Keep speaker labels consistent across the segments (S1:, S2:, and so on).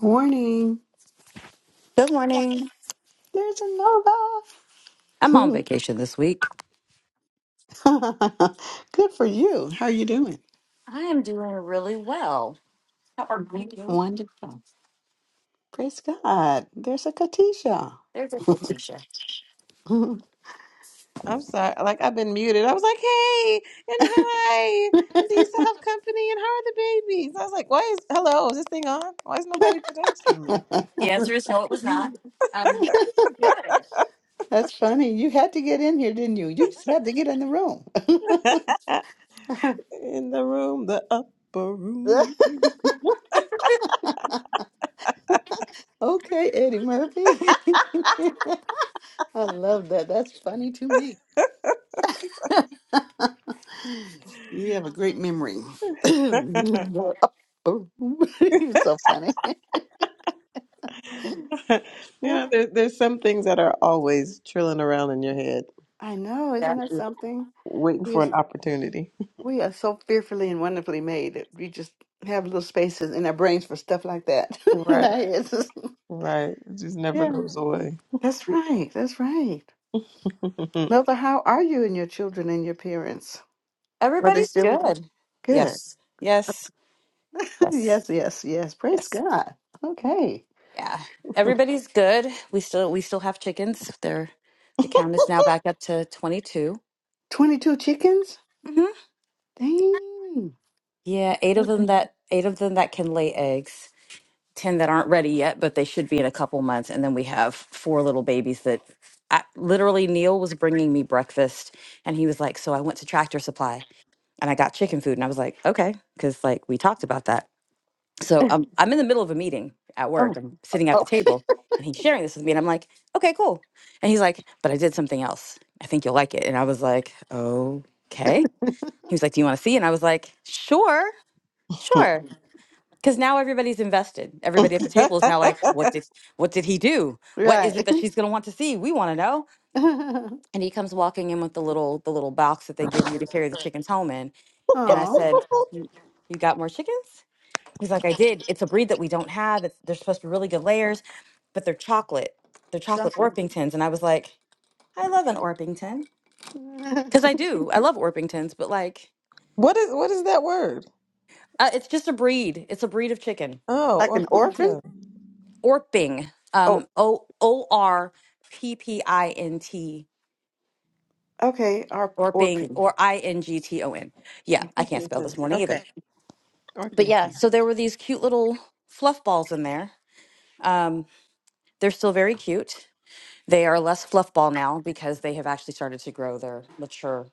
S1: Morning.
S2: Good morning.
S1: There's a
S2: I'm on
S1: nova.
S2: vacation this week.
S1: Good for you. How are you doing?
S2: I am doing really well. How are you?
S1: Wonderful. Praise God. There's a Katisha.
S2: There's a Tisha.
S3: I'm sorry. Like I've been muted. I was like, hey, and hi. And do you still have company? And how are the babies? I was like, why is hello, is this thing on? Why is nobody texting me?
S2: The answer is no, it was not. Um, good.
S1: That's funny. You had to get in here, didn't you? You just had to get in the room.
S3: In the room, the upper room.
S1: okay, Eddie Murphy. I love that. That's funny to me. you have a great memory.
S3: you
S1: You're so funny.
S3: know, there, there's some things that are always trilling around in your head,
S1: I know,
S2: Yeah.
S1: isn't that
S3: uh,
S1: something?
S3: waiting
S1: We
S3: for
S1: is
S3: an opportunity.
S1: we are so fearfully and wonderfully made that we just have little spaces in our brains for stuff like that. in
S3: Right.
S1: our heads.
S3: Right. It just never
S1: Yeah,
S3: goes away.
S1: that's right. That's right.
S3: what
S1: Mother, how are you and your children and your parents? Are they
S2: Everybody's
S1: still with you?
S2: good.
S1: Good.
S2: Yes. Yes. Yes.
S1: yes, yes, yes. Praise
S2: Yes.
S1: God. Okay.
S2: Yeah. Everybody's good. We still we still have chickens. They're the count is now back up to twenty
S1: 22 chickens?
S2: Mm-hmm.
S1: Dang.
S2: Yeah, eight of them
S1: Mhm.
S2: that eight of them that can lay eggs. 10 that aren't ready yet, but they should be in a couple months. And then we have four little babies that I, literally Neil was bringing me breakfast and he was like, So I went to Tractor Supply and I got chicken food. And I was like, Okay, because like we talked about that. So um, I'm in the middle of a meeting at work.
S1: Oh,
S2: I'm sitting at the
S1: oh.
S2: table and he's sharing this with me. And I'm like, Okay, cool. And he's like, But I did something else. I think you'll like it. And I was like, Okay. He was like, Do you want to see? And I was like, Sure, sure. Because now everybody's invested. Everybody at the table is now like, what did what did he do? What is it
S1: right.
S2: that she's gonna want to see? We wanna know. And he comes walking in with the little the little box that they give you to carry the chickens home in. And I
S1: oh,
S2: said, You you got more chickens? He's like, I did. It's a breed that we don't have. It's, they're supposed to be really good layers, but they're chocolate. They're chocolate
S1: just
S2: Orpingtons. And I was like, I love an Orpington. Because I do. I love Orpingtons, but like,
S3: is what is that word?
S2: uh, it's just a breed. It's a breed of chicken.
S3: Oh,
S1: like an orphan?
S3: orphan
S2: Orping, um, O O R P P I N T,
S1: Okay, our
S2: Orping
S1: orphan.
S2: or I N G T O N. Yeah, I can't spell this
S3: Orpington.
S2: morning either.
S3: Okay.
S2: Uh,
S3: Orpington.
S2: So there were these cute little fluff balls in there. Um, they're still very cute. They are less fluff ball now because they have actually started to grow their mature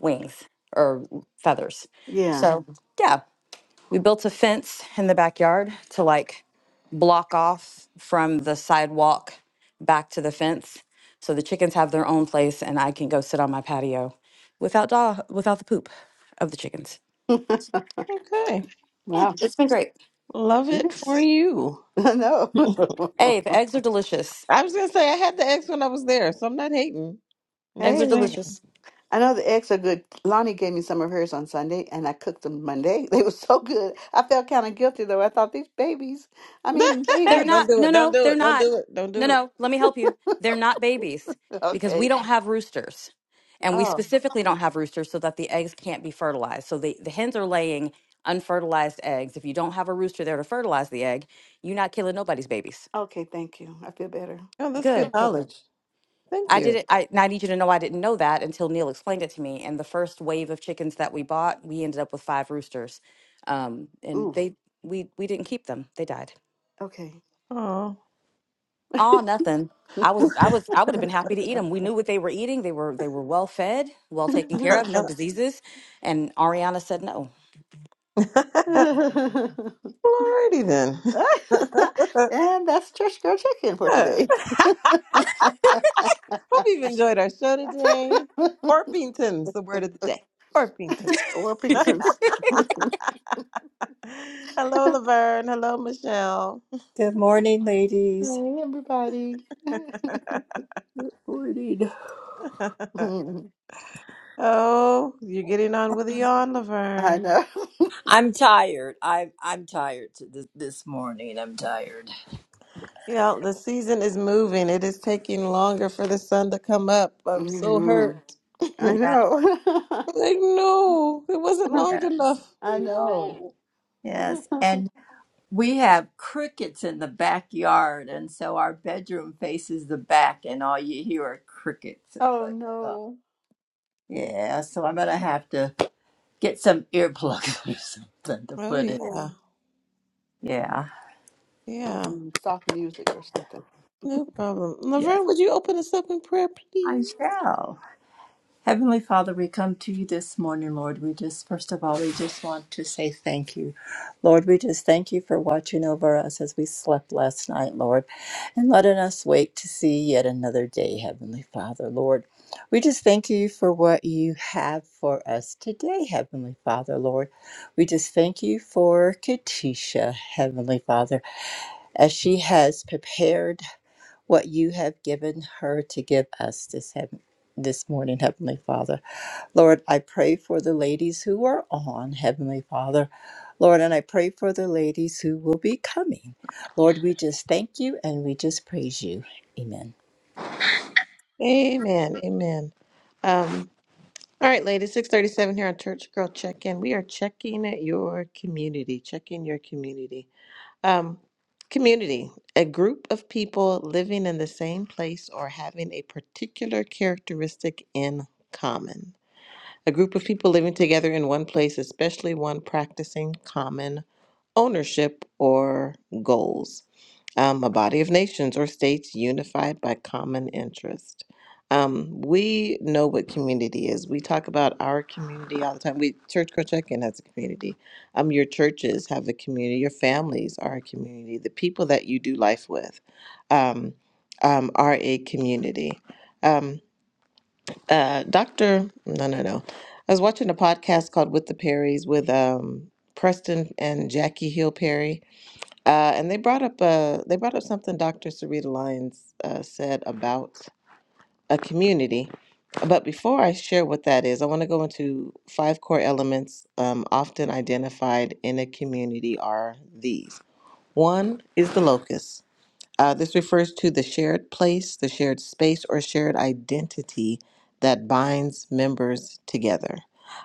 S2: wings or feathers.
S1: Yeah.
S2: So yeah, We built a fence in the backyard to like block off from the sidewalk back to the fence. So the chickens have their own place and I can go sit on my patio without dog, without the poop of the chickens.
S3: Okay.
S2: Yeah,
S1: Wow.
S2: it's been great.
S3: Love it for
S1: Nice.
S3: you.
S1: I know.
S2: Hey, the eggs are delicious.
S3: I was gonna say I had the ex when I was there, so I'm not hating. I'm
S2: Eggs are
S3: just
S1: hey.
S3: saying.
S2: delicious.
S1: I know the eggs are good. Lonnie gave me some of hers on Sunday and I cooked them Monday. They were so good. I felt kind of guilty though. I thought these babies, I'm eating
S2: They're
S3: don't
S1: babies.
S2: not.
S3: do
S2: No,
S3: it. Don't
S2: no,
S3: do
S2: they're
S3: it. Don't
S2: not.
S3: do it. Don't
S2: No,
S3: do it.
S2: no, let me help you. They're not babies because we
S1: Okay.
S2: don't have roosters. And we
S1: Oh,
S2: specifically don't have roosters so that the eggs can't be fertilized. So the, the hens are laying unfertilized eggs. If you don't have a rooster there to fertilize the egg, you're not killing nobody's babies.
S1: okay. Thank you. I feel better.
S3: Oh, that's good
S2: Good, good, good.
S3: knowledge. Thank
S2: I
S3: you.
S2: didn't. I, and I need you to know I didn't know that until Neil explained it to me. And the first wave of chickens that we bought, we ended up with five roosters, um, and
S1: Ooh,
S2: they we we didn't keep them. They died.
S1: okay.
S3: Oh.
S2: Oh, nothing. I was, I was, I would have been happy to eat them. We knew what they were eating. They were, they were well fed, well taken care of, no diseases. And Ariana said no.
S3: Alrighty then.
S1: and that's Church Girl Chicken for today.
S3: Hope you've enjoyed our show today. Orpington's the word of the day. Orpington.
S1: Orpingtons.
S3: Hello, Laverne. Hello, Michelle.
S4: Good morning, ladies.
S1: Hey, everybody.
S4: Morning.
S3: Oh, you're getting on with the yawn,
S1: I
S3: Laverne.
S1: know.
S4: I'm tired. I I'm tired to this, this morning. I'm tired.
S3: Yeah, the season is moving. It is taking longer for the sun to come up. I'm so
S1: hmm
S3: hurt. like,
S1: I
S4: Yeah,
S1: know.
S3: no, it wasn't long
S4: Yeah.
S3: enough.
S1: I know.
S3: No.
S4: Yes, and we have crickets in the backyard, and so our bedroom faces the back, and all you hear are crickets. It's
S1: oh,
S4: like, oh,
S1: no.
S4: yeah. So I'm gonna have to get some earplugs or something to
S3: Oh,
S4: put in.
S1: Yeah.
S3: yeah.
S4: Yeah.
S1: Or
S3: Yeah.
S1: some soft music or something.
S3: No problem.
S4: Yes,
S3: Laverne, would you open us up in prayer,
S4: I
S3: please?
S4: shall. Heavenly Father, we come to you this morning, Lord. We just, first of all, we just want to say thank you. Lord, we just thank you for watching over us as we slept last night, Lord, and letting us wake to see yet another day, Heavenly Father, Lord. We just thank you for what you have for us today, Heavenly Father, Lord. We just thank you for Katisha, Heavenly Father, as she has prepared what you have given her to give us this heaven, this morning, Heavenly Father. Lord, I pray for the ladies who are on, Heavenly Father. Lord, and I pray for the ladies who will be coming. Lord, we just thank you and we just praise you. Amen.
S3: Amen. Amen. Um, all right, ladies, 637 here on Church Girl Check In. We are checking your community, checking your community. Um, community, a group of people living in the same place or having a particular characteristic in common. A group of people living together in one place, especially one practicing common ownership or goals. Um, a body of nations or states unified by common interest. Um, we know what community is. We talk about our community all the time. We Church Girl Check-in has a community. Um, your churches have a community. Your families are a community. The people that you do life with um, um, are a community. Um, uh, Doctor, no, no, no. I was watching a podcast called With the Perrys with um, Preston and Jackie Hill Perry uh, and they brought up uh, they brought up something Dr. Sarita Lyons uh, said about a community. But before I share what that is, I want to go into five core elements um, often identified in a community are these. One is the locus. Uh, this refers to the shared place, the shared space, or shared identity that binds members together.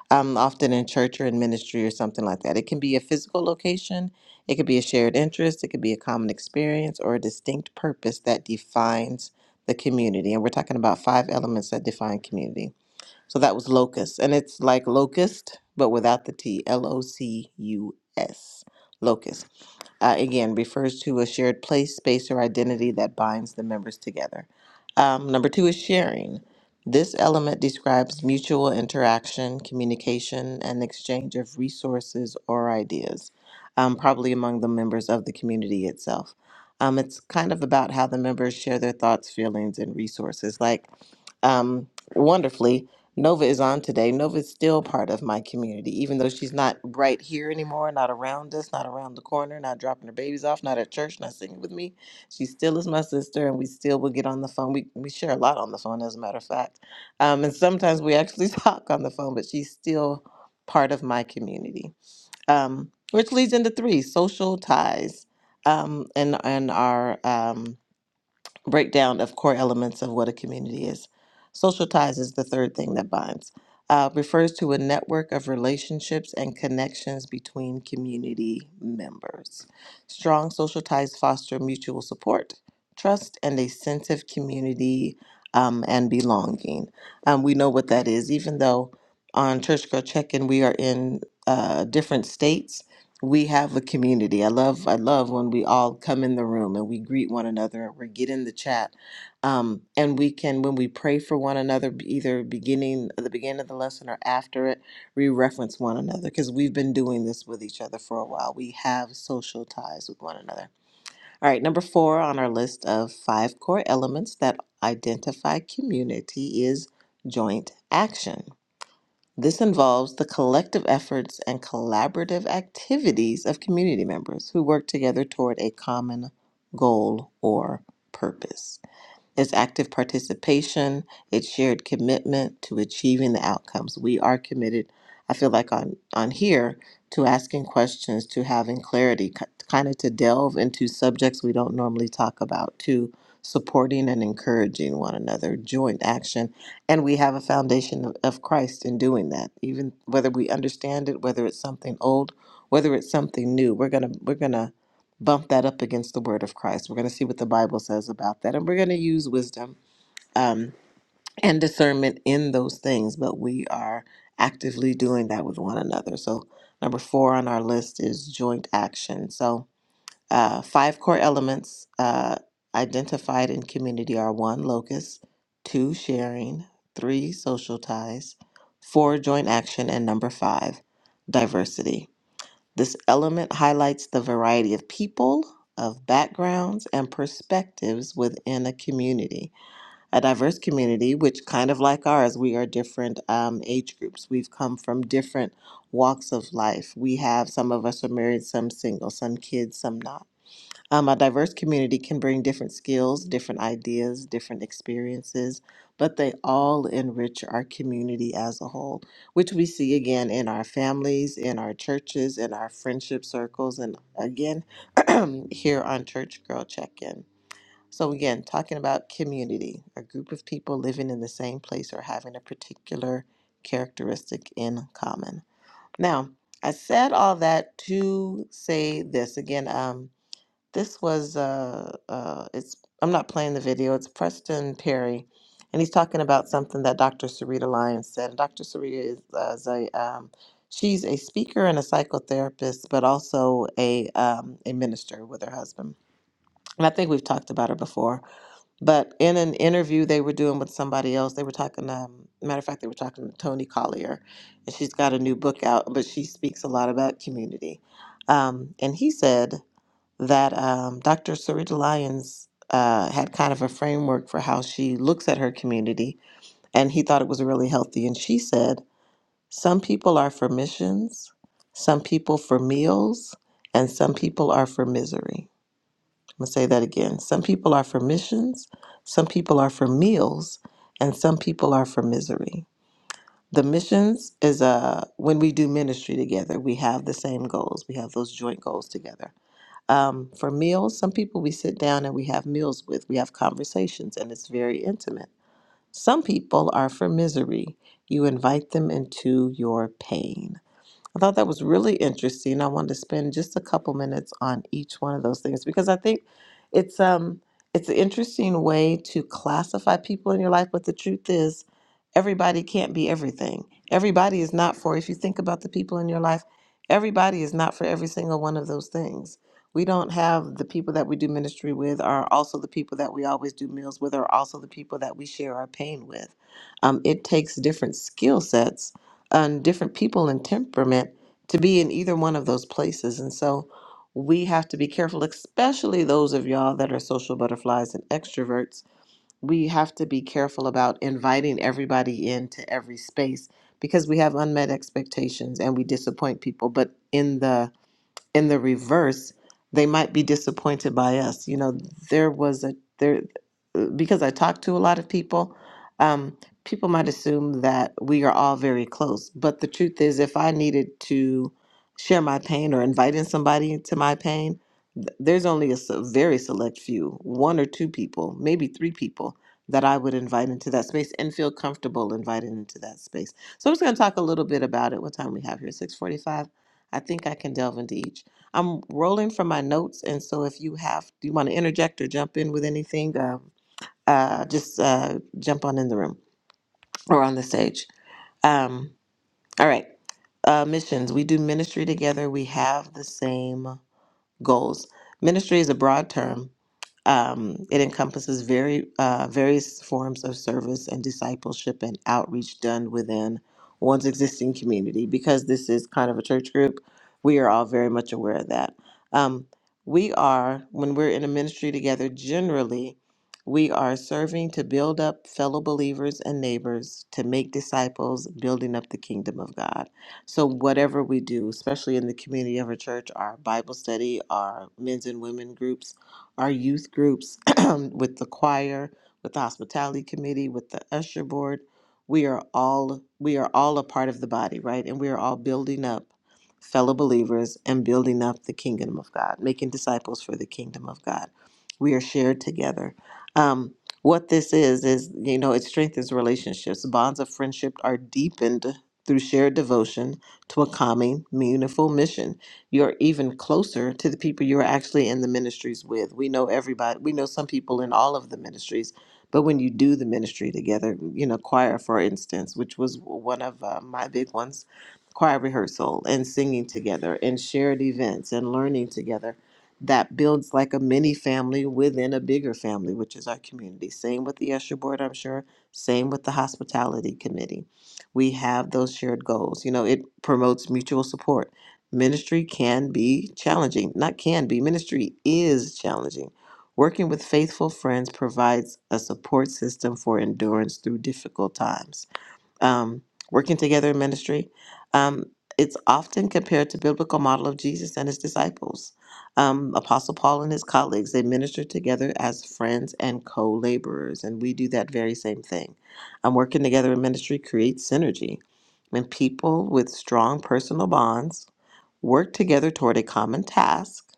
S3: Um, often in church or in ministry or something like that. It can be a physical location, it could be a shared interest, it could be a common experience, or a distinct purpose that defines the community. And we're talking about five elements that define community. So that was locus, and it's like locust, but without the T L O C U S, locus uh, again refers to a shared place, space, or identity that binds the members together. Um, number two is sharing. This element describes mutual interaction, communication, and exchange of resources or ideas, um, probably among the members of the community itself. Um, it's kind of about how the members share their thoughts, feelings, and resources. Like, um, wonderfully, Nova is on today. Nova is still part of my community, even though she's not right here anymore, not around us, not around the corner, not dropping her babies off, not at church, not singing with me. She still is my sister, and we still will get on the phone. We, we share a lot on the phone, as a matter of fact. Um, and sometimes we actually talk on the phone, but she's still part of my community, um, which leads into three social ties um, and, and our. Um, breakdown of core elements of what a community is. Social ties is the third thing that binds. Uh, refers to a network of relationships and connections between community members. Strong social ties foster mutual support, trust, and a sense of community um, and belonging. Um, we know what that is, even though on Church Girl Check In we are in uh, different states we have a community. I love I love when we all come in the room and we greet one another and we get in the chat. Um, and we can when we pray for one another b- either beginning at the beginning of the lesson or after it, we reference one another because we've been doing this with each other for a while. We have social ties with one another. All right, number 4 on our list of five core elements that identify community is joint action. This involves the collective efforts and collaborative activities of community members who work together toward a common goal or purpose. It's active participation, it's shared commitment to achieving the outcomes. We are committed, I feel like on, on here, to asking questions, to having clarity, kind of to delve into subjects we don't normally talk about, to supporting and encouraging one another, joint action. And we have a foundation of of Christ in doing that. Even whether we understand it, whether it's something old, whether it's something new, we're gonna we're gonna bump that up against the word of Christ. We're going to see what the Bible says about that. And we're going to use wisdom um, and discernment in those things, but we are actively doing that with one another. So, number four on our list is joint action. So, uh, five core elements uh, identified in community are one, locus, two, sharing, three, social ties, four, joint action, and number five, diversity. This element highlights the variety of people, of backgrounds, and perspectives within a community. A diverse community, which kind of like ours, we are different um, age groups. We've come from different walks of life. We have some of us are married, some single, some kids, some not um, a diverse community can bring different skills, different ideas, different experiences, but they all enrich our community as a whole, which we see again in our families, in our churches, in our friendship circles, and again here on Church Girl Check In. So, again, talking about community, a group of people living in the same place or having a particular characteristic in common. Now, I said all that to say this again. Um, this was uh uh it's I'm not playing the video, it's Preston Perry. And he's talking about something that Dr. Sarita Lyons said. And Dr. Sarita is, uh, is a um, she's a speaker and a psychotherapist, but also a um, a minister with her husband. And I think we've talked about her before. But in an interview they were doing with somebody else, they were talking. Um, matter of fact, they were talking to Tony Collier, and she's got a new book out. But she speaks a lot about community. Um, and he said that um, Dr. Sarita Lyons uh, had kind of a framework for how she looks at her community, and he thought it was really healthy. And she said, Some people are for missions, some people for meals, and some people are for misery. I'm gonna say that again. Some people are for missions, some people are for meals, and some people are for misery. The missions is uh, when we do ministry together, we have the same goals, we have those joint goals together um, for meals. Some people we sit down and we have meals with, we have conversations, and it's very intimate. Some people are for misery. You invite them into your pain. I thought that was really interesting. I wanted to spend just a couple minutes on each one of those things because I think it's um it's an interesting way to classify people in your life, but the truth is everybody can't be everything. Everybody is not for if you think about the people in your life, everybody is not for every single one of those things. We don't have the people that we do ministry with are also the people that we always do meals with are also the people that we share our pain with. Um, it takes different skill sets and different people and temperament to be in either one of those places. And so we have to be careful, especially those of y'all that are social butterflies and extroverts. We have to be careful about inviting everybody into every space because we have unmet expectations and we disappoint people. But in the in the reverse, they might be disappointed by us. You know, there was a there because I talked to a lot of people. Um, people might assume that we are all very close, but the truth is, if I needed to share my pain or invite in somebody to my pain, th- there's only a s- very select few, one or two people, maybe three people that I would invite into that space and feel comfortable inviting into that space. So I'm just going to talk a little bit about it. What time we have here? Six forty-five. I think I can delve into each. I'm rolling from my notes, and so if you have, do you want to interject or jump in with anything? Uh, uh, just uh, jump on in the room or on the stage. Um, all right, uh, missions. We do ministry together. We have the same goals. Ministry is a broad term. Um, it encompasses very uh, various forms of service and discipleship and outreach done within one's existing community. Because this is kind of a church group, we are all very much aware of that. Um, we are, when we're in a ministry together, generally, we are serving to build up fellow believers and neighbors, to make disciples, building up the kingdom of God. So, whatever we do, especially in the community of our church, our Bible study, our men's and women groups, our youth groups, with the choir, with the hospitality committee, with the usher board, we are all we are all a part of the body, right? And we are all building up fellow believers and building up the kingdom of God, making disciples for the kingdom of God. We are shared together. Um, what this is is you know it strengthens relationships bonds of friendship are deepened through shared devotion to a common, meaningful mission. You're even closer to the people you're actually in the ministries with. We know everybody, we know some people in all of the ministries, but when you do the ministry together, you know, choir, for instance, which was one of uh, my big ones, choir rehearsal and singing together and shared events and learning together. That builds like a mini family within a bigger family, which is our community. Same with the usher Board, I'm sure. Same with the Hospitality Committee we have those shared goals. You know, it promotes mutual support. Ministry can be challenging, not can be, ministry is challenging. Working with faithful friends provides a support system for endurance through difficult times um, working together in ministry. Um, it's often compared to biblical model of Jesus and his disciples. Um, Apostle Paul and his colleagues, they ministered together as friends and co-laborers, and we do that very same thing. Um, working together in ministry creates synergy. When people with strong personal bonds work together toward a common task.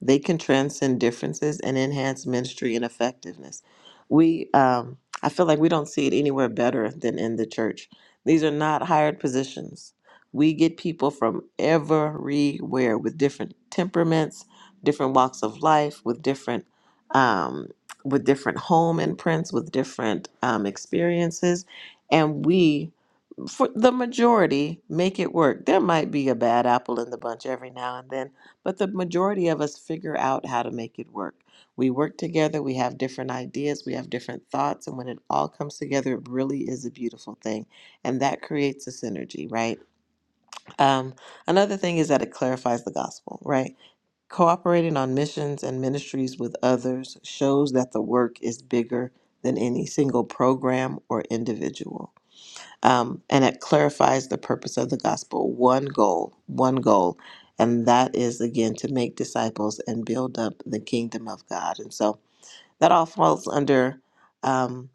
S3: They can transcend differences and enhance ministry and effectiveness. We, um, I feel like we don't see it anywhere better than in the church. These are not hired positions. We get people from everywhere with different temperaments, different walks of life, with different, um, with different home imprints, with different um, experiences, and we for the majority make it work. There might be a bad apple in the bunch every now and then, but the majority of us figure out how to make it work. We work together, we have different ideas, we have different thoughts, and when it all comes together, it really is a beautiful thing. And that creates a synergy, right? Um, another thing is that it clarifies the gospel, right? Cooperating on missions and ministries with others shows that the work is bigger than any single program or individual um, and it clarifies the purpose of the gospel one goal one goal and that is again to make disciples and build up the kingdom of god and so that all falls under um,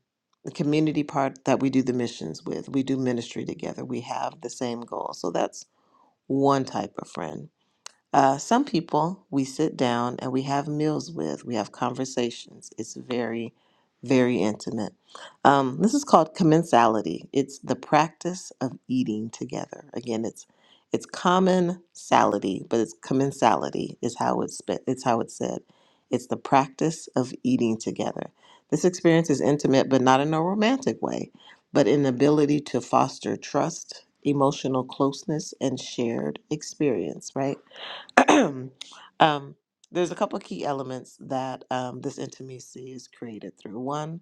S3: the community part that we do the missions with we do ministry together we have the same goal so that's one type of friend uh, some people we sit down and we have meals with, we have conversations. It's very, very intimate. Um, this is called commensality. It's the practice of eating together. Again, it's it's commonsality, but it's commensality is how it's spe- it's how it's said. It's the practice of eating together. This experience is intimate, but not in a romantic way, but an ability to foster trust, emotional closeness, and shared experience. Right um, there's a couple of key elements that um, this intimacy is created through. One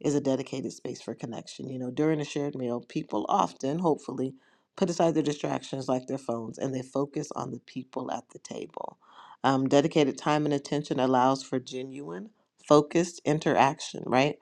S3: is a dedicated space for connection. You know, during a shared meal, people often, hopefully, put aside their distractions like their phones and they focus on the people at the table. Um, dedicated time and attention allows for genuine, focused interaction, right?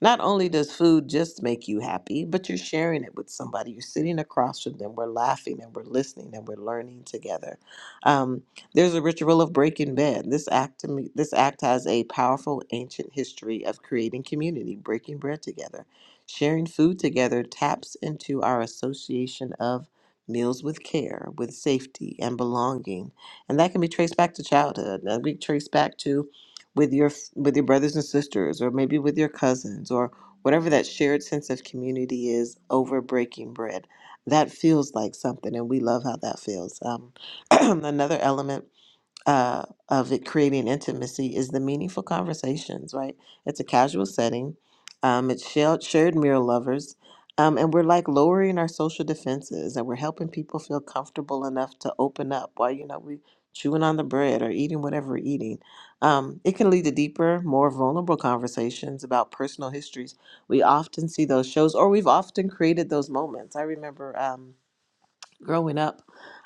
S3: Not only does food just make you happy, but you're sharing it with somebody. You're sitting across from them. We're laughing and we're listening and we're learning together. Um, there's a ritual of breaking bread. This act, this act has a powerful ancient history of creating community, breaking bread together. Sharing food together taps into our association of meals with care, with safety, and belonging. And that can be traced back to childhood. That we trace back to with your with your brothers and sisters, or maybe with your cousins, or whatever that shared sense of community is over breaking bread. That feels like something, and we love how that feels. Um, another element uh, of it creating intimacy is the meaningful conversations, right? It's a casual setting. Um, it's shared, shared mirror lovers. Um, and we're like lowering our social defenses and we're helping people feel comfortable enough to open up while, you know, we chewing on the bread or eating whatever we're eating. Um, it can lead to deeper, more vulnerable conversations about personal histories. We often see those shows or we've often created those moments. I remember. Um, growing up,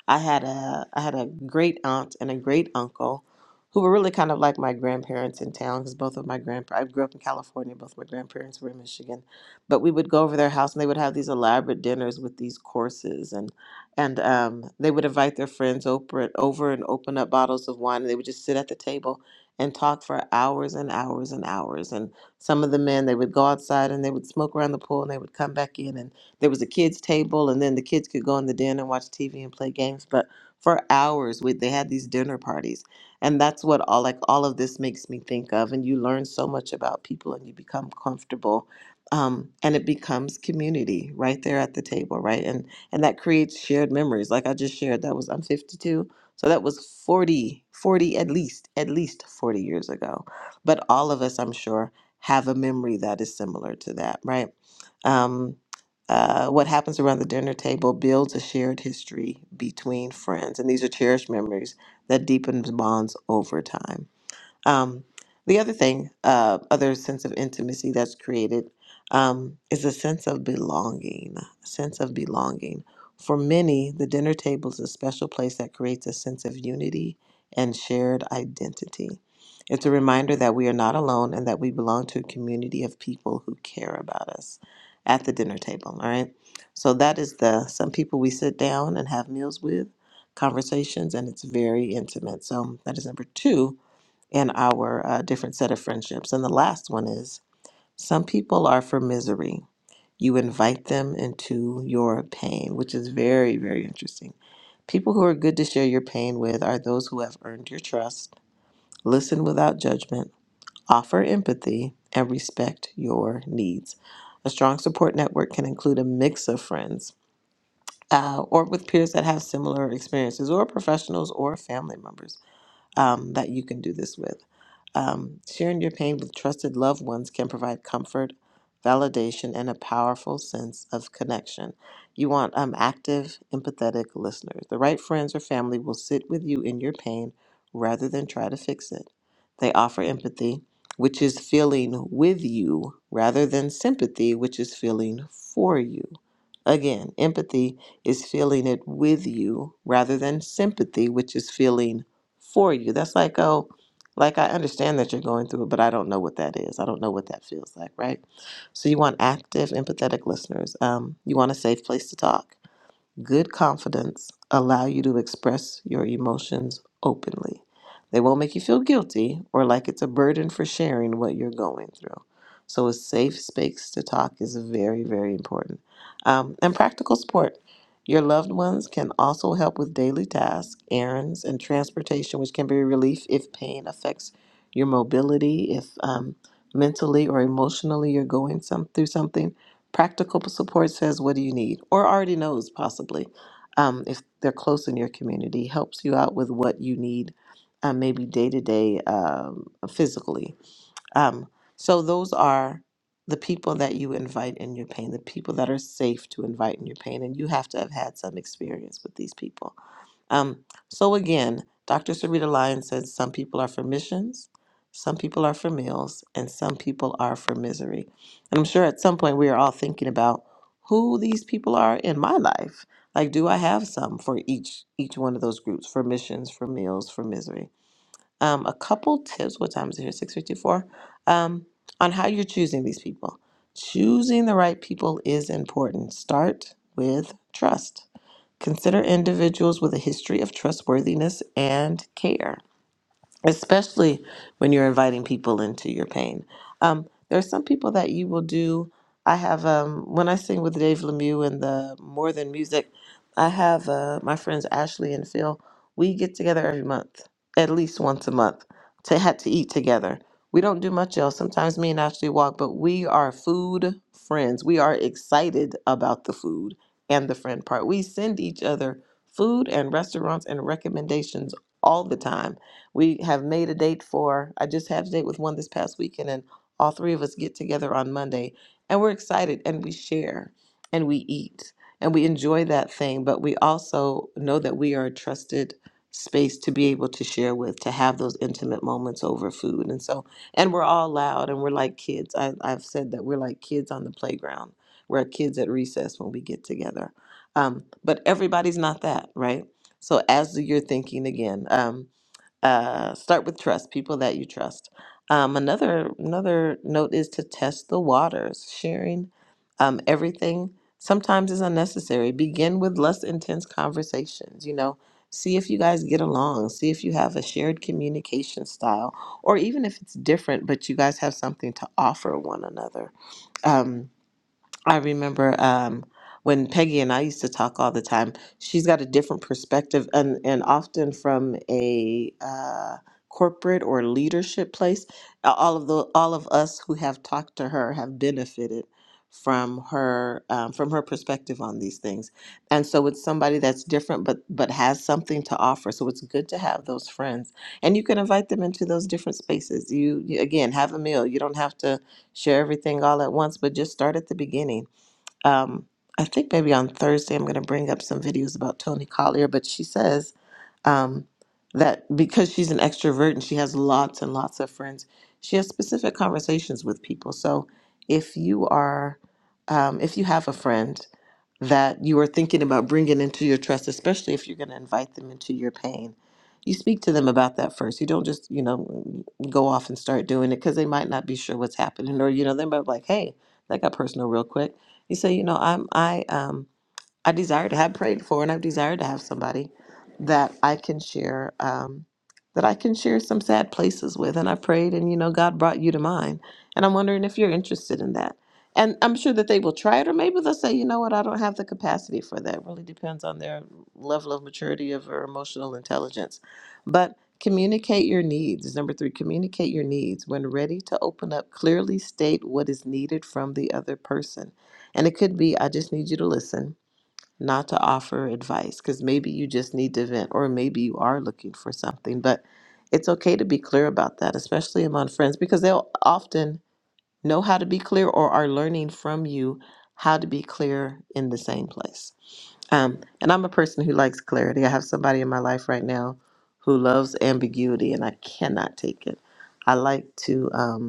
S3: I had a I had a great aunt and a great uncle who were really kind of like my grandparents in town because both of my grandpa I grew up in California, both my grandparents were in Michigan, but we would go over their house and they would have these elaborate dinners with these courses and and um, they would invite their friends over and over and open up bottles of wine and they would just sit at the table and talk for hours and hours and hours and some of the men they would go outside and they would smoke around the pool and they would come back in and there was a kids table and then the kids could go in the den and watch TV and play games but for hours we, they had these dinner parties and that's what all like all of this makes me think of and you learn so much about people and you become comfortable um, and it becomes community right there at the table right and and that creates shared memories like i just shared that was i'm 52 so that was 40, 40 at least at least 40 years ago but all of us i'm sure have a memory that is similar to that right Um, uh, what happens around the dinner table builds a shared history between friends, and these are cherished memories that deepens bonds over time. Um, the other thing, uh, other sense of intimacy that's created um, is a sense of belonging. A sense of belonging. For many, the dinner table is a special place that creates a sense of unity and shared identity. It's a reminder that we are not alone and that we belong to a community of people who care about us at the dinner table. All right. So that is the some people we sit down and have meals with, conversations, and it's very intimate. So that is number two in our uh, different set of friendships. And the last one is some people are for misery. You invite them into your pain, which is very, very interesting. People who are good to share your pain with are those who have earned your trust, listen without judgment, offer empathy, and respect your needs. A strong support network can include a mix of friends uh, or with peers that have similar experiences, or professionals or family members um, that you can do this with. Um, sharing your pain with trusted loved ones can provide comfort, validation, and a powerful sense of connection. You want um, active, empathetic listeners. The right friends or family will sit with you in your pain rather than try to fix it. They offer empathy, which is feeling with you, rather than sympathy, which is feeling for you. Again, empathy is feeling it with you rather than sympathy, which is feeling for you. That's like, oh, like I understand that you're going through it, but I don't know what that is. I don't know what that feels like, right? So you want active, empathetic listeners. Um, you want a safe place to talk. Good confidence allow you to express your emotions openly. They won't make you feel guilty or like it's a burden for sharing what you're going through. So a safe space to talk is very, very important. Um, and practical support. Your loved ones can also help with daily tasks, errands, and transportation, which can be a relief if pain affects your mobility, if um, mentally or emotionally you're going some, through something Practical support says, What do you need? Or already knows, possibly, um, if they're close in your community, helps you out with what you need, uh, maybe day to day um, physically. Um, so, those are the people that you invite in your pain, the people that are safe to invite in your pain. And you have to have had some experience with these people. Um, so again, Dr. Sarita Lyon says some people are for missions, some people are for meals, and some people are for misery. And I'm sure at some point we are all thinking about who these people are in my life. Like, do I have some for each each one of those groups? For missions, for meals, for misery. Um, a couple tips. What time is it here? Six fifty four. Um, on how you're choosing these people. Choosing the right people is important. Start with trust Consider individuals with a history of trustworthiness and care especially when you're inviting people into your pain. Um, there are some people that you will do. I have um, when I sing with Dave Lemieux in the More Than Music, I have uh, my friends Ashley and Phil. We get together every month, at least once a month, to have to eat together. We don't do much else. Sometimes me and Ashley walk, but we are food friends. We are excited about the food and the friend part. We send each other food and restaurants and recommendations all the time we have made a date for, I just had a date with one this past weekend, and all three of us get together on Monday. And we're excited and we share and we eat and we enjoy that thing, but we also know that we are a trusted space to be able to share with, to have those intimate moments over food. And so, and we're all loud and we're like kids. I, I've said that we're like kids on the playground. We're kids at recess when we get together. Um, but everybody's not that, right? So, as you're thinking again, um, uh, start with trust, people that you trust. Um, another another note is to test the waters. Sharing um, everything sometimes is unnecessary. Begin with less intense conversations. You know, see if you guys get along. See if you have a shared communication style, or even if it's different, but you guys have something to offer one another. Um. I remember um, when Peggy and I used to talk all the time. She's got a different perspective, and and often from a uh, corporate or leadership place. A- All of the all of us who have talked to her have benefited from her um, from her perspective on these things, and so it's somebody that's different, but but has something to offer. So it's good to have those friends, and you can invite them into those different spaces. You you- again have a meal. You don't have to share everything all at once, but just start at the beginning. Um, I think maybe on Thursday I'm going to bring up some videos about Tony Collier, but she says um, that because she's an extrovert and she has lots and lots of friends, she has specific conversations with people. So if you are, um, if you have a friend that you are thinking about bringing into your trust, especially if you're going to invite them into your pain. You speak to them about that first. You don't just, you know, mm, go off and start doing it because they might not be sure what's happening, or you know, they might be like, "Hey, that got personal real quick." You say, "You know, I'm I um I desire to have prayed for, and I've desired to have somebody that I can share, um, that I can share some sad places with. And I prayed, and you know, God brought you to mine. And I'm wondering if you're interested in that. And I'm sure that they will try it, or maybe they'll say, you know what, I don't have the capacity for that. It really depends on their level of maturity of or emotional intelligence. But communicate your needs. Number three, communicate your needs. When ready to open up, clearly state what is needed from the other person. And it could be, I just need you to listen not to offer advice because maybe you just need to vent or maybe you are looking for something. But it's okay to be clear about that, especially among friends, because they'll often know how to be clear or are learning from you how to be clear in the same place. Um, and I'm a person who likes clarity. I have somebody in my life right now who loves ambiguity, and I cannot take it. I like to. Um,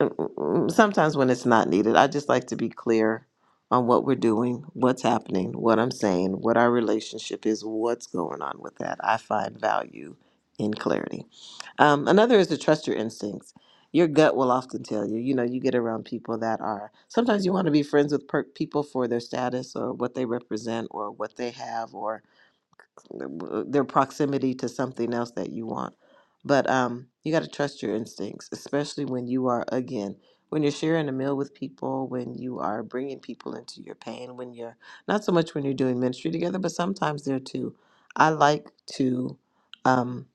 S3: Mm, sometimes when it's not needed. I just like to be clear on what we're doing, what's happening, what I'm saying, what our relationship is, what's going on with that. I find value in clarity. Um, another is to trust your instincts. Your gut will often tell you, you know, you get around people that are sometimes you want to be friends with per- people for their status or what they represent or what they have their proximity to something else that you want. But um, you got to trust your instincts, especially when you are, again, when you're sharing a meal with people, when you are bringing people into your pain, when you're not so much when you're doing ministry together, but sometimes there too. I like to um,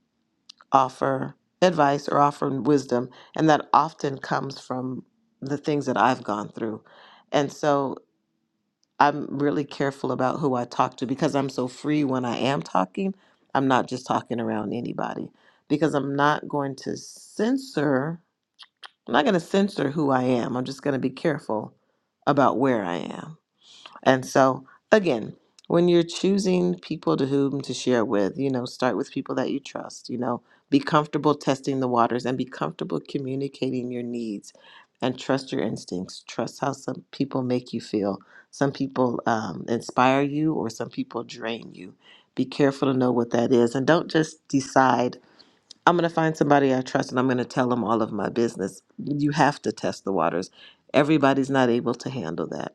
S3: offer advice or offer wisdom, and that often comes from the things that I've gone through. And so I'm really careful about who I talk to because I'm so free when I am talking. I'm not just talking around anybody because I'm not going to censor. I'm not going to censor who I am. I'm just going to be careful about where I am and so, again, when you're choosing people to whom to share with, you know, start with people that you trust, you know, be comfortable testing the waters and be comfortable communicating your needs and trust your instincts. Trust how some people make you feel. Some people um, inspire you or some people drain you. Be careful to know what that is and don't just decide, I'm going to find somebody I trust and I'm going to tell them all of my business. You have to test the waters. Everybody's not able to handle that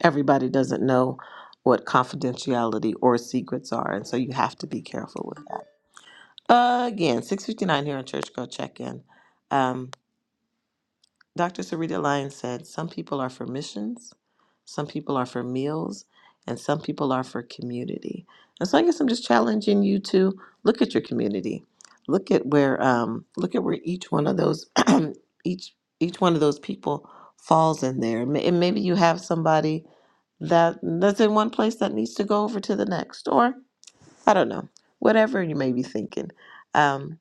S3: everybody doesn't know what confidentiality or secrets are, and so you have to be careful with that. again, six fifty nine here on Church Girl Check In. Dr. Sarita Lyons said, Some people are for missions, some people are for meals, and some people are for community. And so I guess I'm just challenging you to look at your community. Look at where um, look at where each one of those each each one of those people falls in there. Ma- And maybe you have somebody that that's in one place that needs to go over to the next, or I don't know, whatever you may be thinking. Um,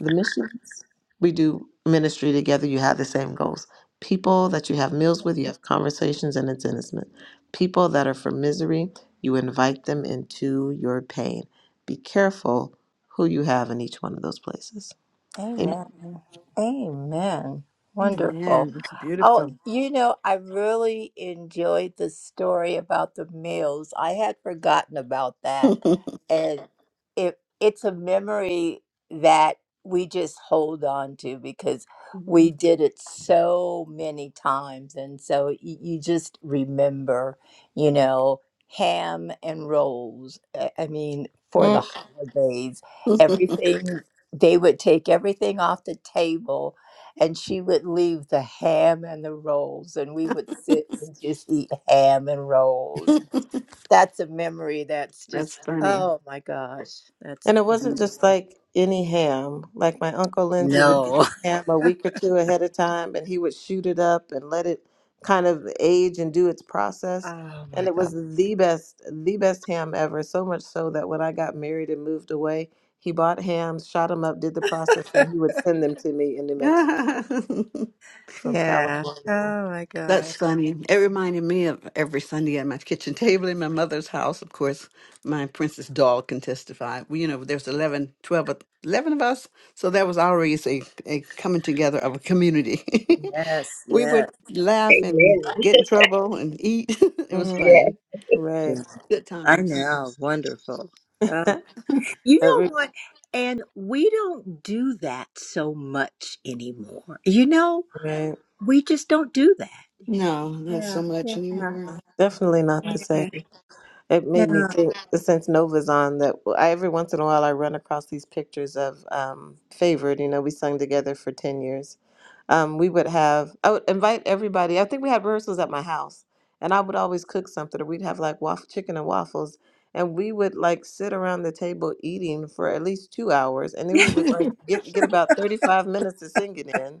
S3: the missions. We do ministry together. You have the same goals. People that you have meals with, you have conversations, and it's intimate. People that are from misery, you invite them into your pain. Be careful who you have in each one of those places. Amen.
S4: Amen. Amen. Wonderful.
S1: Amen. It's
S4: Oh,
S1: beautiful.
S4: you know, I really enjoyed the story about the meals. I had forgotten about that. And it it's a memory that we just hold on to because we did it so many times and so y- you just remember, you know, ham and rolls. I I mean, for the holidays, everything they would take everything off the table and she would leave the ham and the rolls and we would sit and just eat ham and rolls that's a memory that's
S1: That's
S4: just
S1: funny.
S4: oh my gosh that's
S3: And it wasn't just
S4: beautiful
S3: like any ham. Like my uncle Lindsay would get
S4: no
S3: the ham a week or two ahead of time and he would shoot it up and let it kind of age and do its process.
S4: oh
S3: And
S4: my
S3: it was
S4: god
S3: the best, the best ham ever. So much so that when I got married and moved away, he bought hams, shot them up, did the process, and he would send them to me in New Mexico from
S4: yeah
S3: California.
S4: oh my god
S1: That's funny. It reminded me of every Sunday at my kitchen table in my mother's house. Of course, my princess doll can testify. We- You know, there's 11, 12, of- 11 of us. So that was always a, a coming together of a community.
S4: yes
S1: we
S4: yes
S1: would laugh
S5: Amen.
S1: and get in trouble and eat. it was
S3: hmm
S5: Yeah.
S1: funny.
S3: Right.
S4: yeah.
S1: Good
S4: i
S1: times.
S4: know wonderful oh. You know
S3: Every,
S4: what? And we don't do that so much anymore. You know,
S3: right.
S4: we just don't do that.
S1: No, not
S4: Yeah.
S1: so
S4: Yeah.
S1: much anymore.
S3: Definitely not the
S4: Yeah.
S3: same. It made me
S4: No.
S3: think since Nova's on that I, every once in a while I run across these pictures of um, Favored. You know, we sung together for 10 years. Um, we would have, I would invite everybody. I think we had rehearsals at my house, and I would always cook something, or we'd have like waffle, chicken and waffles. And we would like sit around the table eating for at least two hours, and then we would like get, get about 35 minutes to sing it in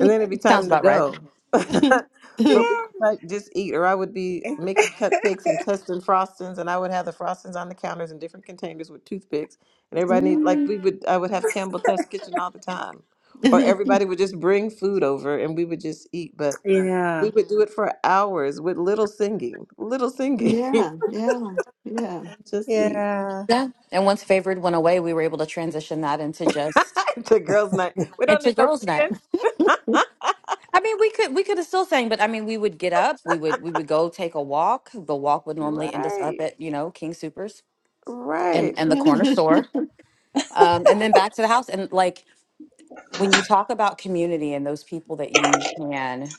S3: and then it'd be
S2: Sounds
S3: time to
S2: about right.
S3: go. but we
S4: Yeah.
S3: would like just eat, or I would be making cupcakes and testing frostings, and I would have the frostings on the counters in different containers with toothpicks, and everybody need like we
S1: Mm.
S3: would. I would have Campbell Test Kitchen all the time, or everybody would just bring food over, and we would just eat. But
S4: Yeah.
S3: we would do it for hours with little singing, little singing,
S1: yeah, yeah, yeah.
S3: and just eat.
S4: Yeah.
S2: Yeah. And once favored went away, we were able to transition that into just
S3: it's a girls' night. We don't
S2: into
S3: need no
S2: girls' night.
S3: singing.
S2: I mean, we could we could have still sang, but I mean, we would get up, we would we would go take a walk. The walk would normally end us up
S3: right,
S2: at you know King Supers and
S3: right,
S2: and the corner store, um, and then back to the house. And like when you talk about community and those people that you can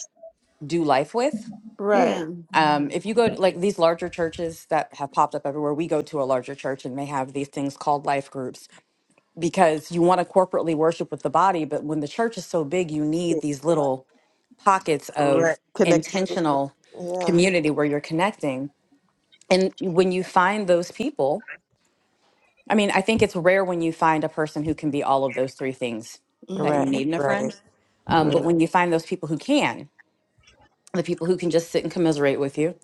S2: do life with.
S3: right.
S1: Yeah.
S2: Um,
S4: Mm.
S2: if you go to like these larger churches that have popped up everywhere, we go to a larger church and they have these things called life groups because you want to corporately worship with the body. But when the church is so big, you need
S4: Mm.
S2: these little pockets
S3: Right.
S2: of
S3: Connectivity.
S2: intentional
S3: Yeah.
S2: community where you're connecting. And when you find those people, I mean, I think it's rare when you find a person who can be all of those three things that you
S3: Right.
S1: Mm-hmm.
S2: need in a
S3: Right.
S2: friend. Um,
S3: Right.
S2: but
S4: Mm.
S2: when you find those people who can, the people who can just sit and commiserate with you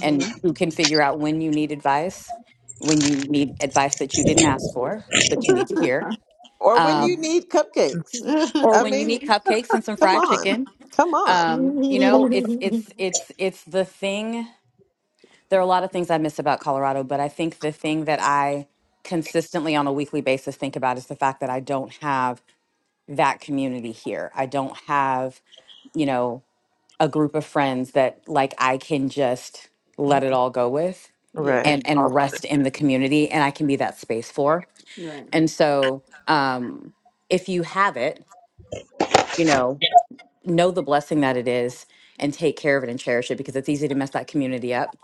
S2: and who can figure out when you need advice, when you need advice that you didn't ask for, but you need to hear,
S3: Or when you
S2: um,
S3: need cupcakes.
S2: or
S3: I
S2: when you
S3: mean,
S2: need cupcakes and some
S3: come
S2: fried
S3: on.
S2: chicken.
S3: Come on.
S2: Um, you know, it's it's it's it's the thing. There are a lot of things I miss about Colorado, but I think the thing that I consistently on a weekly basis think about is the fact that I don't have that community here. I don't have, you know, a group of friends that like I can just let it all go with
S1: yeah.
S3: Right.
S2: and
S3: All-
S2: and rest in the community and I can be that space for.
S1: Right.
S2: And so um if you have it, you know, know the blessing that it is and take care of it and cherish it because it's easy to mess that community up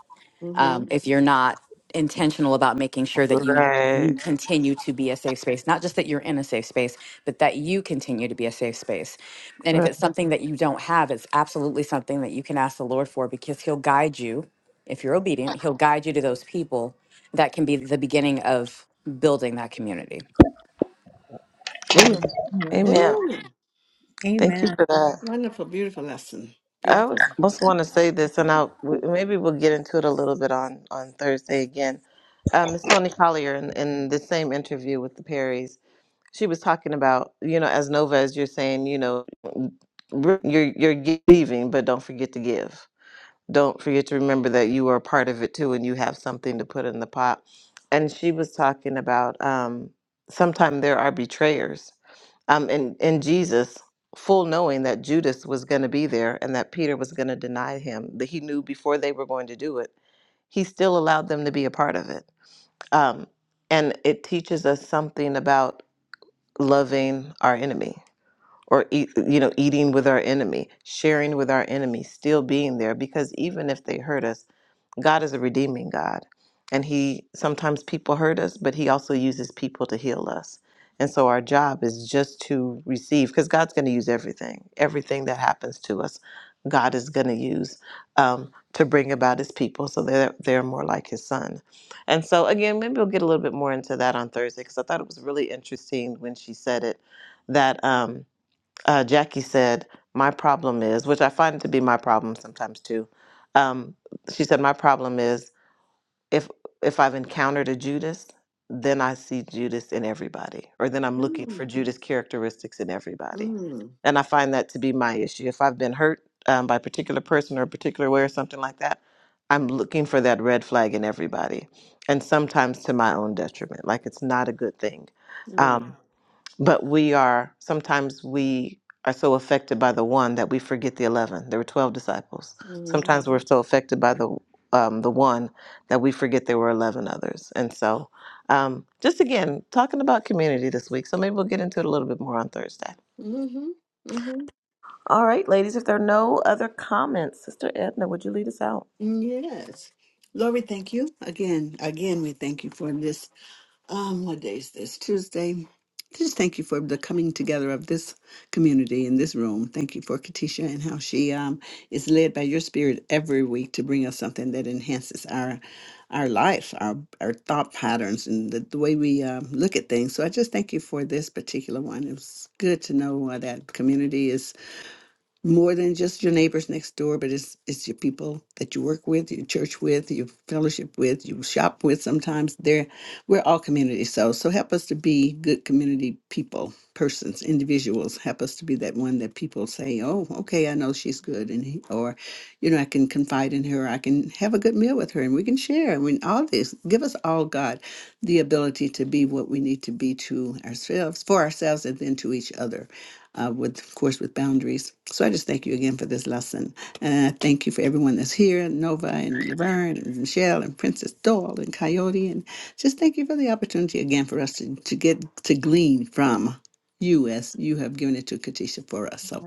S1: Mm-hmm.
S2: um, if you're not intentional about making sure that you you
S3: Right.
S2: continue to be a safe space not just that you're in a safe space but that you continue to be a safe space and if
S3: Right.
S2: it's something that you don't have it's absolutely something that you can ask the lord for because he'll guide you if you're obedient he'll guide you to those people that can be the beginning of building that community
S3: Amen.
S4: Mm.
S3: Amen.
S1: Amen.
S3: Thank you
S4: Amen.
S3: for that.
S1: Wonderful, beautiful lesson.
S3: I was
S1: Beautiful.
S3: just want to say this, and I'll w- maybe we'll get into it a little bit on on Thursday again. Um, Miss Tony Collier in, in the same interview with the Perrys. she was talking about you know as nova as you're saying you know re- you're you're gi- leaving but don't forget to give don't forget to remember that you are a part of it too and you have something to put in the pot and she was talking about um sometimes there are betrayers um and and jesus full knowing that judas was going to be there and that peter was going to deny him that he knew before they were going to do it he still allowed them to be a part of it um and it teaches us something about loving our enemy or eat, you know eating with our enemy sharing with our enemy still being there because even if they hurt us God is a redeeming God. And He sometimes people hurt us, but He also uses people to heal us. And so our job is just to receive, because God's going to use everything. Everything that happens to us, God is going to use um, to bring about His people so they're, they're more like His Son. And so, again, maybe we'll get a little bit more into that on Thursday, because I thought it was really interesting when she said it that. Um, uh, Jackie said, My problem is, which I find to be my problem sometimes too. Um, she said, My problem is if if I've encountered a Judas, then I see Judas in everybody, or then I'm looking
S1: mm
S3: for Judas characteristics in everybody.
S1: Mm.
S3: And I find that to be my issue. If I've been hurt um, by a particular person or a particular way or something like that, I'm looking for that red flag in everybody, and sometimes to my own detriment. Like it's not a good thing.
S1: Right.
S3: Um, but we are, sometimes we are so affected by the one that we forget the 11. There were 12 disciples.
S1: Mm-hmm.
S3: Sometimes we're so affected by the um, the one that we forget there were 11 others. And so, um, just again, talking about community this week. So maybe we'll get into it a little bit more on Thursday.
S1: Mm-hmm. Mm-hmm.
S3: All right, ladies, if there are no other comments, Sister Edna, would you lead us out?
S1: Yes. Lord, we thank you again. Again, we thank you for this um, what day is this? Tuesday. Just thank you for the coming together of this community in this room. Thank you for Katisha and how she um, is led by your spirit every week to bring us something that enhances our our life, our our thought patterns, and the, the way we um, look at things. So I just thank you for this particular one. It was good to know uh, that community is more than just your neighbors next door, but it's it's your people that you work with, your church with, your fellowship with, you shop with. Sometimes they're we're all community. So so help us to be good community people, persons, individuals. Help us to be that one that people say, oh, okay, I know she's good, and he, or, you know, I can confide in her. I can have a good meal with her, and we can share. I mean, all this give us all God the ability to be what we need to be to ourselves, for ourselves, and then to each other uh, with, of course, with boundaries. So I just thank you again for this lesson. And I thank you for everyone that's here Nova and Laverne and Michelle and Princess Doll and Coyote. And just thank you for the opportunity again for us to, to get to glean from you as you have given it to Katisha for us. So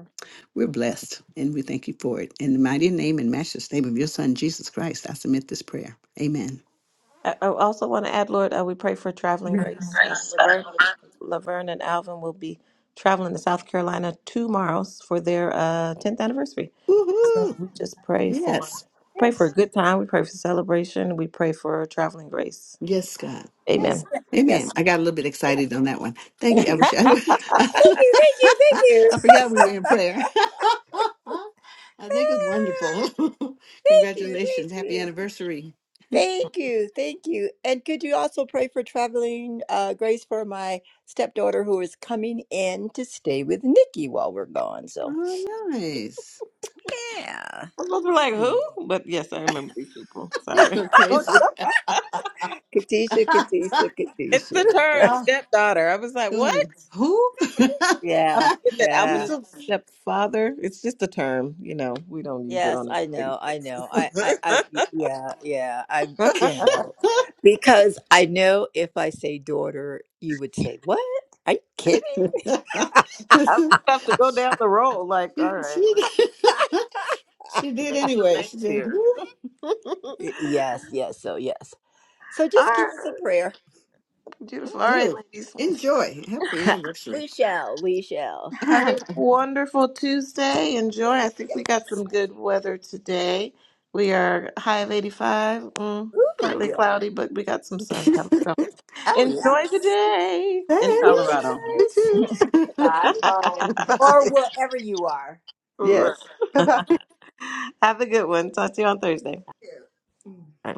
S1: we're blessed and we thank you for it. In the mighty name and matchless name of your son, Jesus Christ, I submit this prayer. Amen.
S3: I I also want to add, Lord, uh, we pray for traveling
S4: Amen.
S3: grace. Uh,
S4: Yes.
S3: Laverne, Laverne and Alvin will be traveling to South Carolina tomorrow for their uh, 10th anniversary. So
S1: Woohoo!
S3: we just pray for
S1: Yes.
S3: pray for a
S4: Yes.
S3: good time. We pray for celebration. We pray for traveling grace.
S1: Yes, God.
S3: Amen.
S4: Yes. Yes.
S1: Amen. I got a little bit excited on that one. Thank
S3: I'm
S4: Thank
S1: you. I
S4: you.
S1: wish I
S4: Thank
S1: would.
S4: you. Thank
S1: I
S4: you. Thank you. Thank you.
S1: forgot we were in prayer. I think it's wonderful.
S4: thank you. Thank you.
S1: Congratulations. Happy anniversary.
S4: Thank you. Thank you. And could you also pray for traveling uh, grace for my stepdaughter who is coming in to stay with Nikki while we're gone? So.
S1: Oh, nice.
S4: Yeah.
S3: supposed to be like
S1: Mm.
S3: who? But yes, I remember these people.
S1: You're
S3: Sorry.
S1: so
S3: Well,
S1: crazy.
S4: Katisha, Katisha,
S3: It's
S4: Katisha.
S3: the term stepdaughter. I was like, what?
S1: good. Who?
S3: I
S4: yeah,
S3: forget that
S1: you
S3: Alvin
S4: yeah.
S3: is
S1: so.
S3: my stepfather. It's just a term, you know. We don't use it
S4: Yes,
S3: on a
S4: I
S3: regular
S4: know, I
S3: basis.
S4: know. I, I, I, yeah, yeah. I,
S3: I
S4: you know, because I know if I say daughter, you would say, what? Are you kidding?
S1: she,
S3: just have to go down the road. Like,
S1: she,
S3: all right, let's
S1: she did
S3: name some
S1: anyway.
S3: names
S1: She said,
S3: here.
S1: who?
S4: Y- Yes, yes. So, yes. So
S3: All
S4: just keep us in
S3: right,
S4: prayer.
S1: Well,
S3: beautiful. All right,
S1: do
S3: ladies.
S1: enjoy. Happy anniversary.
S4: We shall, we shall.
S3: Have a
S1: Thanks.
S3: wonderful Tuesday. Enjoy. I think we got
S4: Yes.
S3: some good weather today. We are high of 85, mm,
S4: Ooh,
S3: partly
S4: yeah.
S3: cloudy, but we got some sun coming. So
S4: Oh, yeah.
S3: enjoy the day in Colorado.
S1: You
S4: Yes.
S1: too. Bye.
S4: Or wherever you are.
S1: Yes.
S3: Right.
S1: Bye bye.
S3: Have a good one. Talk to you on Thursday. Bye.